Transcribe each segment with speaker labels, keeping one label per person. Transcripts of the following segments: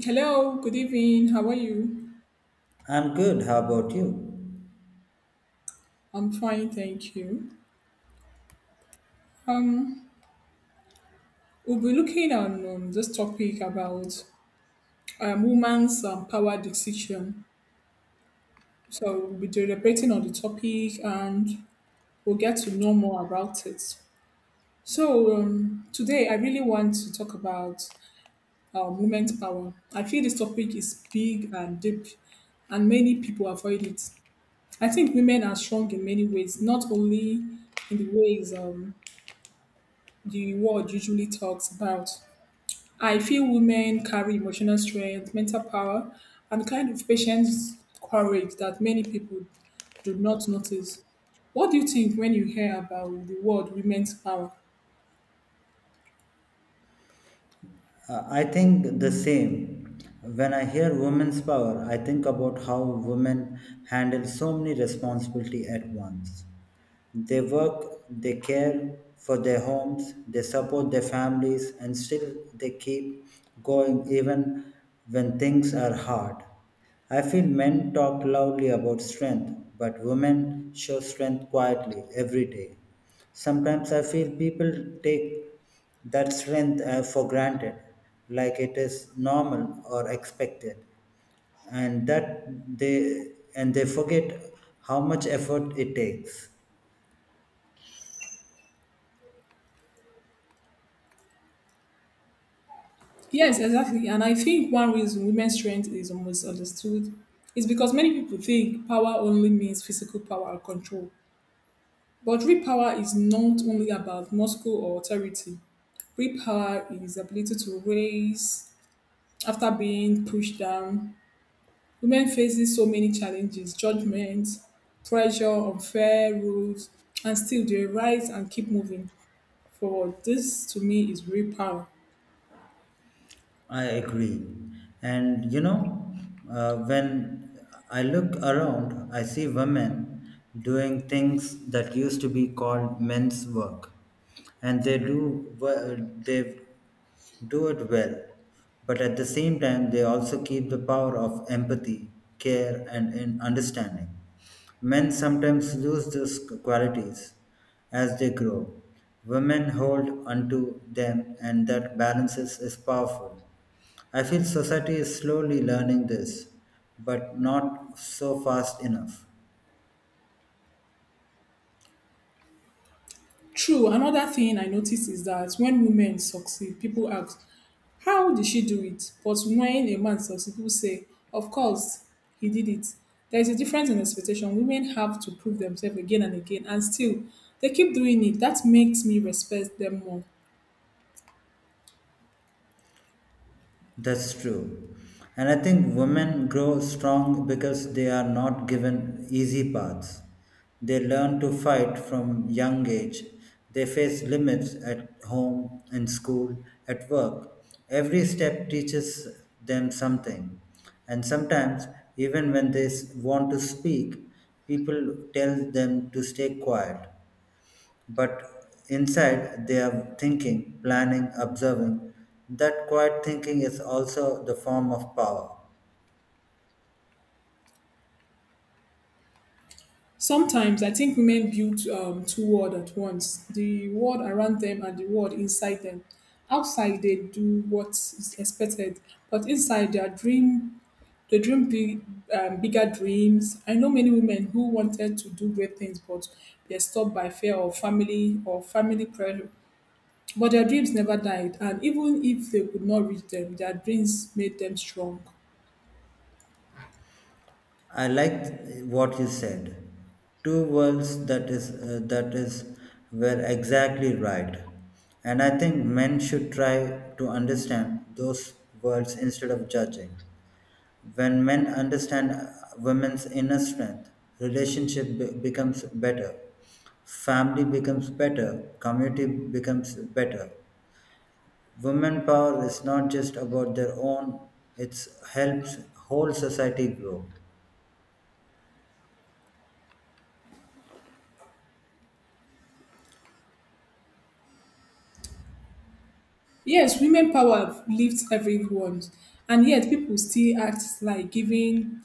Speaker 1: Hello, good evening. How are you?
Speaker 2: I'm good. How about you?
Speaker 1: I'm fine, thank you. Um, we'll be looking on this topic about women's power decision. So we'll be debating on the topic and we'll get to know more about it. Today I really want to talk about women's power. I feel this topic is big and deep and many people avoid it. I think women are strong in many ways, not only in the ways the world usually talks about. I feel women carry emotional strength, mental power, and kind of patience, courage that many people do not notice. What do you think when you hear about the word women's power?
Speaker 2: I think the same. When I hear women's power, I think about how women handle so many responsibility at once. They work, they care for their homes, they support their families, and still they keep going even when things are hard. I feel men talk loudly about strength, but women show strength quietly every day. Sometimes I feel people take that strength for granted, like it is normal or expected and that they and they forget how much effort it takes
Speaker 1: Yes, exactly. And I think one reason women's strength is almost understood is because many people think power only means physical power or control. But real power is not only about muscle or authority. Real power is ability to raise, after being pushed down, women facing so many challenges, judgment, pressure, unfair rules, and still they rise and keep moving forward. This to me is real power.
Speaker 2: I agree. And when I look around, I see women doing things that used to be called men's work, and they do it well. But at the same time, they also keep the power of empathy, care, and in understanding. Men sometimes lose these qualities as they grow. Women hold onto them, and that balances is powerful. I feel society is slowly learning this, but not so fast enough.
Speaker 1: True, another thing I notice is that when women succeed, people ask, how did she do it? But when a man succeeds, people say, of course, he did it. There is a difference in expectation. Women have to prove themselves again and again, and still, they keep doing it. That makes me respect them more.
Speaker 2: That's true. And I think women grow strong because they are not given easy paths. They learn to fight from young age. They face limits at home, in school, at work. Every step teaches them something. And sometimes, even when they want to speak, people tell them to stay quiet. But inside, they are thinking, planning, observing. That quiet thinking is also the form of power.
Speaker 1: Sometimes I think women build two world at once, the world around them and the world inside them. Outside, they do what is expected, but inside, they dream big, bigger dreams. I know many women who wanted to do great things, but they're stopped by fear of family or family pressure. But their dreams never died, and even if they could not reach them, their dreams made them strong.
Speaker 2: I liked what you said. Two worlds that is were exactly right. And I think men should try to understand those worlds instead of judging. When men understand women's inner strength, relationship becomes better, family becomes better, community becomes better. Women power is not just about their own; it helps whole society grow.
Speaker 1: Yes, women power lifts everyone, and yet people still act like giving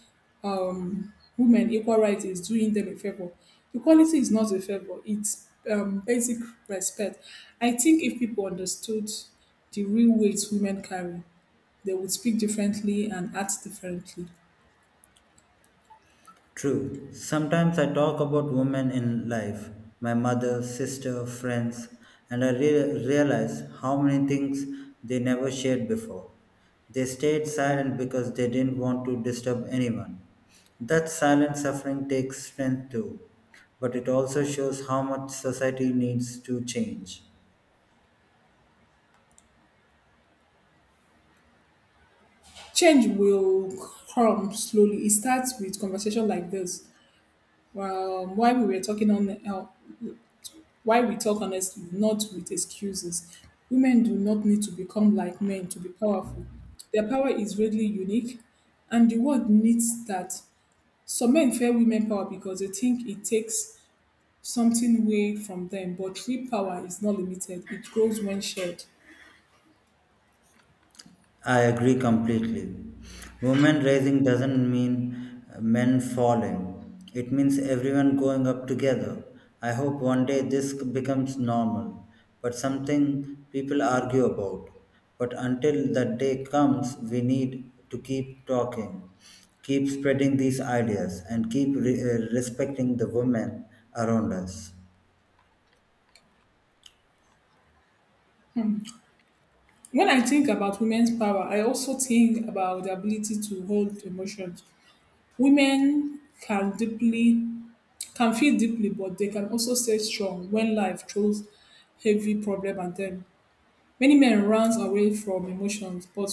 Speaker 1: women equal rights is doing them a favor. Equality is not a favor, it's basic respect. I think if people understood the real weight women carry, they would speak differently and act differently.
Speaker 2: True. Sometimes I talk about women in life, my mother, sister, friends, and I realize how many things they never shared before. They stayed silent because they didn't want to disturb anyone. That silent suffering takes strength too, but it also shows how much society needs to change.
Speaker 1: Change will come slowly. It starts with conversation like this. While we were talking on Why we talk honestly, not with excuses. Women do not need to become like men to be powerful. Their power is really unique, and the world needs that. Some men fear women power because they think it takes something away from them, but true power is not limited, it grows when shared.
Speaker 2: I agree completely. Women rising doesn't mean men falling. It means everyone going up together. I hope one day this becomes normal, but something people argue about. But until that day comes, we need to keep talking, keep spreading these ideas, and keep respecting the women around us.
Speaker 1: When I think about women's power, I also think about the ability to hold emotions. Women can deeply can feel deeply, but they can also stay strong when life throws heavy problem at them. Many men runs away from emotions, but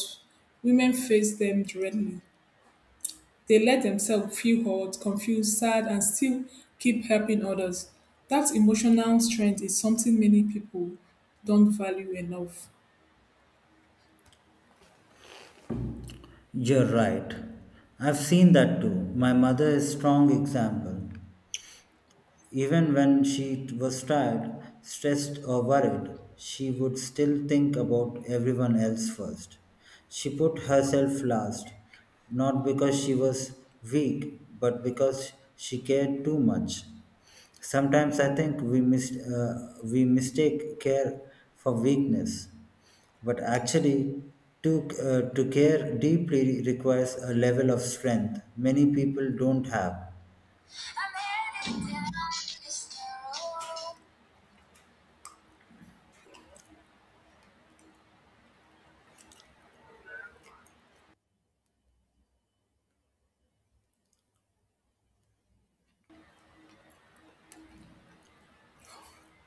Speaker 1: women face them directly. They let themselves feel hurt, confused, sad, and still keep helping others. That emotional strength is something many people don't value enough.
Speaker 2: You're right. I've seen that too. My mother is strong example. Even when she was tired, stressed, or worried, she would still think about everyone else first. She put herself last, not because she was weak, but because she cared too much. Sometimes I think we mistake care for weakness, but actually, to care deeply requires a level of strength many people don't have.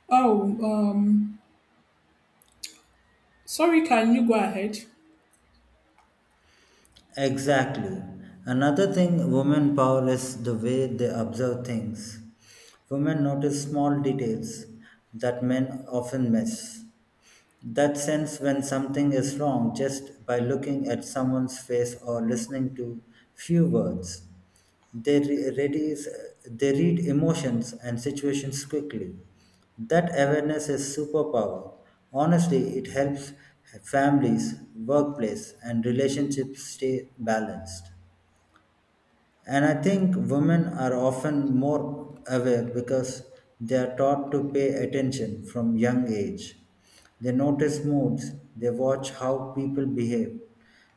Speaker 1: Oh, um, Sorry, can you go ahead?
Speaker 2: Exactly. Another thing, women power is the way they observe things. Women notice small details that men often miss. That sense when something is wrong just by looking at someone's face or listening to few words. They, re- readies, they read emotions and situations quickly. That awareness is superpower. Honestly, it helps families, workplace, and relationships stay balanced. And I think women are often more aware because they are taught to pay attention from young age. They notice moods, they watch how people behave,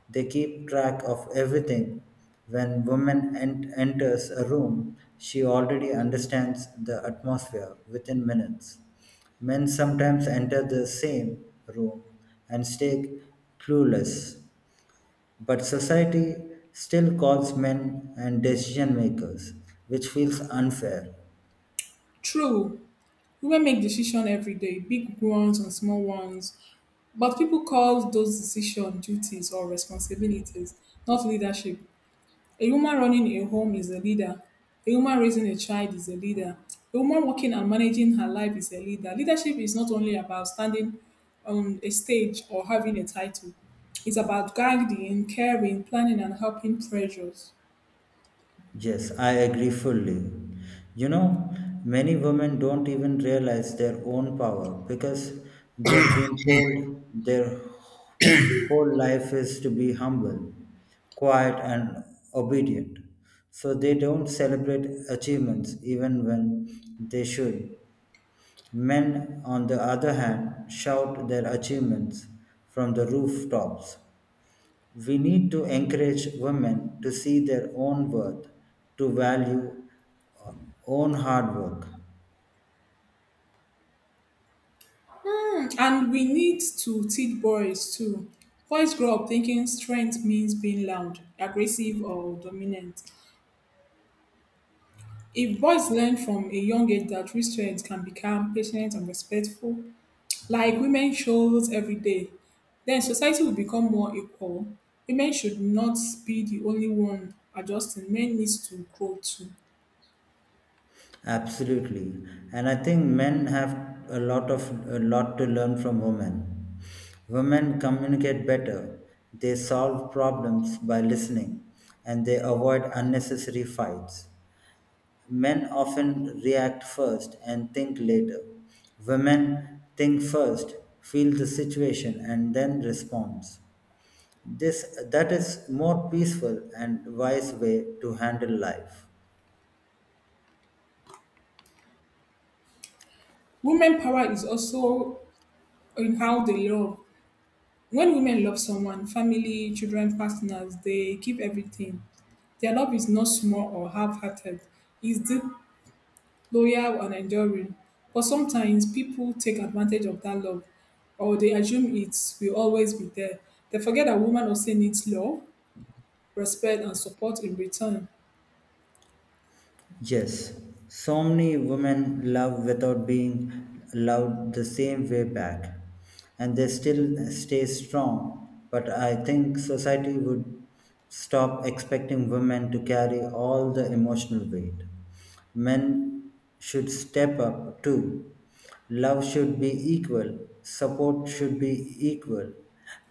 Speaker 2: they keep track of everything. When woman enters a room, she already understands the atmosphere within minutes. Men sometimes enter the same room and stay clueless, but society still calls men and decision makers, which feels unfair.
Speaker 1: True, women make decisions every day, big ones and small ones. But people call those decisions duties or responsibilities, not leadership. A woman running a home is a leader. A woman raising a child is a leader. A woman working and managing her life is a leader. Leadership is not only about standing on a stage or having a title, it's about guiding, caring, planning, and helping pressures.
Speaker 2: Yes, I agree fully. You know, many women don't even realize their own power because they've been told their whole life is to be humble, quiet, and obedient. So they don't celebrate achievements even when they should. Men, on the other hand, shout their achievements from the rooftops. We need to encourage women to see their own worth, to value uh, own hard work.
Speaker 1: Hmm, and we need to teach boys too. Boys grow up thinking strength means being loud, aggressive, or dominant. If boys learn from a young age that real strength can be calm, patient, and respectful, like women shows every day, then society will become more equal. Women should not be the only one adjusting. Men needs to grow too.
Speaker 2: Absolutely, and I think men have a lot to learn from women. Women communicate better. They solve problems by listening, and they avoid unnecessary fights. Men often react first and think later. Women think first, feel the situation, and then respond. This that is more peaceful and wise way to handle life.
Speaker 1: Women power is also in how they love. When women love someone, family, children, partners, they give everything. Their love is not small or half hearted, it's deep, loyal, and enduring. But sometimes people take advantage of that love or they assume it will always be there. They forget that women also needs love, respect, and support in return.
Speaker 2: Yes, so many women love without being loved the same way back, and they still stay strong. But I think society would stop expecting women to carry all the emotional weight. Men should step up too. Love should be equal, support should be equal.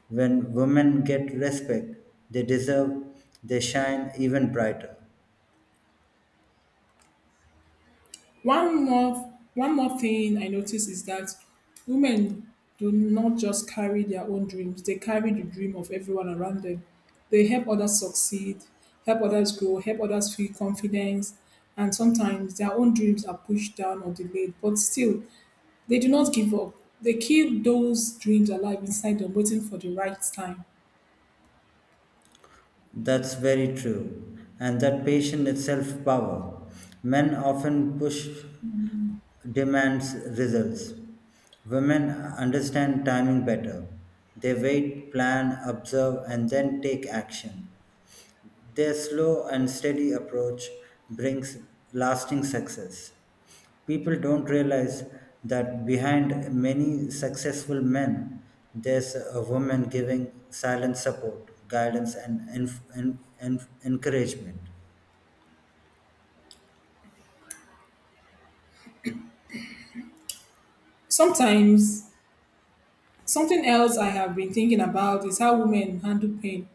Speaker 2: When women get respect, they deserve, they shine even brighter.
Speaker 1: One more thing I notice is that women do not just carry their own dreams, they carry the dream of everyone around them. They help others succeed, help others grow, help others feel confidence, and sometimes their own dreams are pushed down or delayed, but still they do not give up. They keep those dreams alive inside them, waiting for the right time.
Speaker 2: That's very true. And that patient itself power. Men often push demands results. Women understand timing better. They wait, plan, observe, and then take action. Their slow and steady approach brings lasting success. People don't realize that behind many successful men, there's a woman giving silent support, guidance, and encouragement.
Speaker 1: Sometimes Something else I have been thinking about is how women handle pain,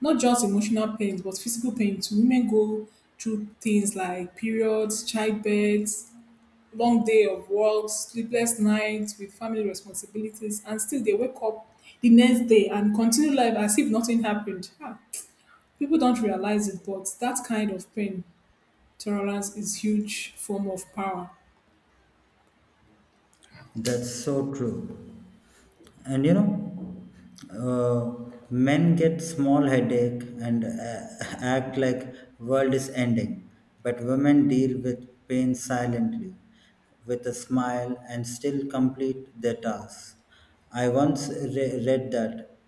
Speaker 1: not just emotional pain, but physical pain too. Women go through things like periods, childbirth, long day of work, sleepless nights with family responsibilities, and still they wake up the next day and continue life as if nothing happened. People don't realize it, but that kind of pain tolerance is huge form of power.
Speaker 2: That's so true. And men get small headache and act like world is ending, but women deal with pain silently, with a smile and still complete their tasks. I once read that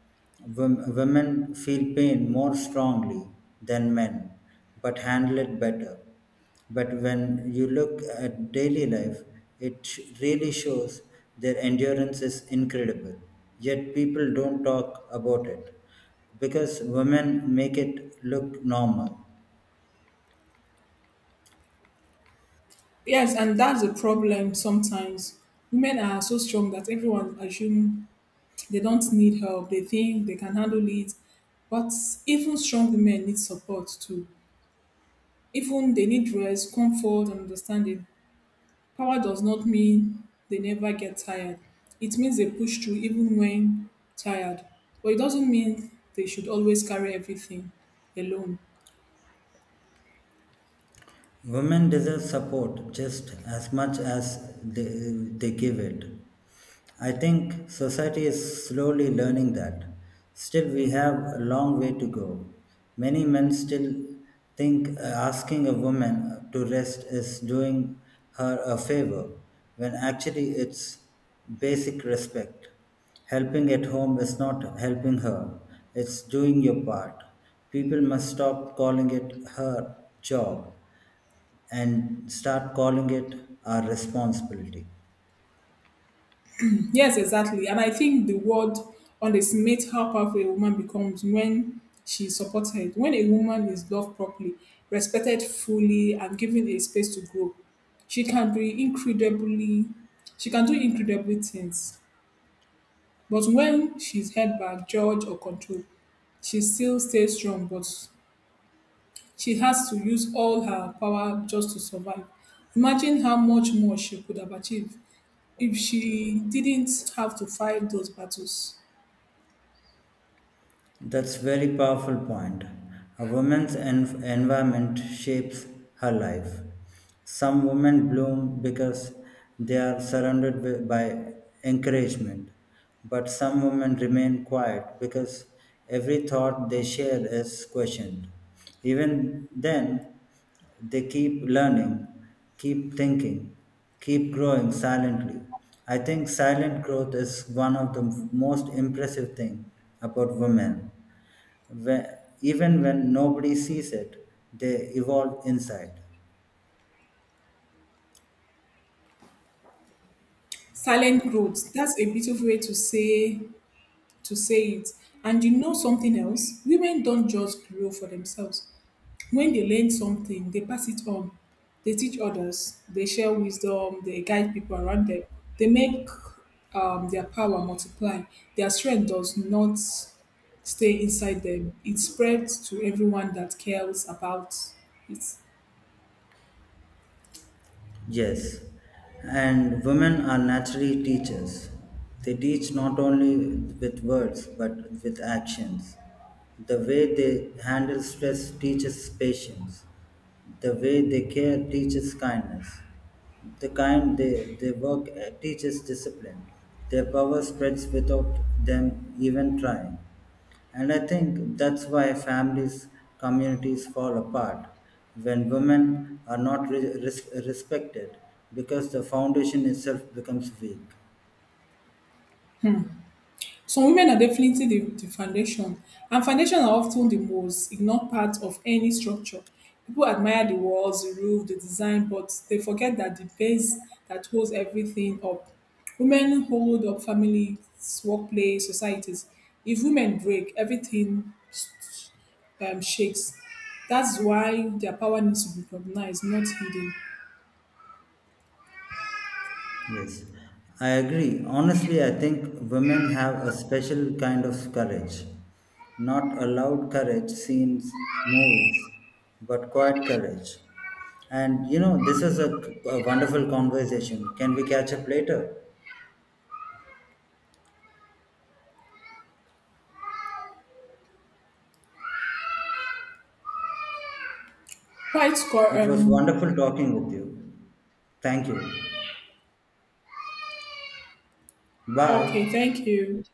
Speaker 2: women feel pain more strongly than men, but handle it better. But when you look at daily life, it really shows their endurance is incredible. Yet people don't talk about it because women make it look normal.
Speaker 1: Yes, and that's the problem sometimes. Women are so strong that everyone assumes they don't need help. They think they can handle it. But even strong women need support too. Even they need rest, comfort, and understanding. Power does not mean they never get tired. It means they push through even when tired. But it doesn't mean they should always carry everything alone.
Speaker 2: Women deserve support just as much as they give it. I think society is slowly learning that. Still, we have a long way to go. Many men still think asking a woman to rest is doing her a favor, when actually it's basic respect. Helping at home is not helping her, it's doing your part. People must stop calling it her job and start calling it our responsibility.
Speaker 1: Yes, exactly. And I think the word underestimates how powerful a woman becomes when she supports supported. When a woman is loved properly, respected fully, and given a space to grow, she can be incredibly, she can do incredible things. But when she's held back, judged, or controlled, she still stays strong, but she has to use all her power just to survive. Imagine how much more she could have achieved if she didn't have to fight those battles.
Speaker 2: That's very powerful point. A woman's environment shapes her life. Some women bloom because they are surrounded by encouragement, but some women remain quiet because every thought they share is questioned. Even then, they keep learning, keep thinking, keep growing silently. I think silent growth is one of the most impressive thing about women. Whe- Even when nobody sees it, they evolve inside.
Speaker 1: Silent growth, that's a beautiful way to say it. And you know something else, women don't just grow for themselves. When they learn something, they pass it on. They teach others, they share wisdom, they guide people around them, they make their power multiply. Their strength does not stay inside them, it spreads to everyone that cares about it.
Speaker 2: Yes, and women are naturally teachers. They teach not only with words but with actions. The way they handle stress teaches patience. The way they care teaches kindness. The kind they work at teaches discipline. Their power spreads without them even trying. And I think that's why families, communities fall apart when women are not respected because the foundation itself becomes weak.
Speaker 1: Some women are definitely the foundation, and foundation are often the most ignored part of any structure. People admire the walls, the roof, the design, but they forget that the base that holds everything up. Women hold up families, workplace, societies. If women break, everything shakes. That's why their power needs to be recognized, not hidden.
Speaker 2: Yes, I agree. Honestly, I think women have a special kind of courage. Not a loud courage seen in movies, but quiet courage. And this is a wonderful conversation. Can we catch up later?
Speaker 1: Quite score.
Speaker 2: It was wonderful talking with you. Thank you.
Speaker 1: Okay,
Speaker 2: Bye.
Speaker 1: thank you.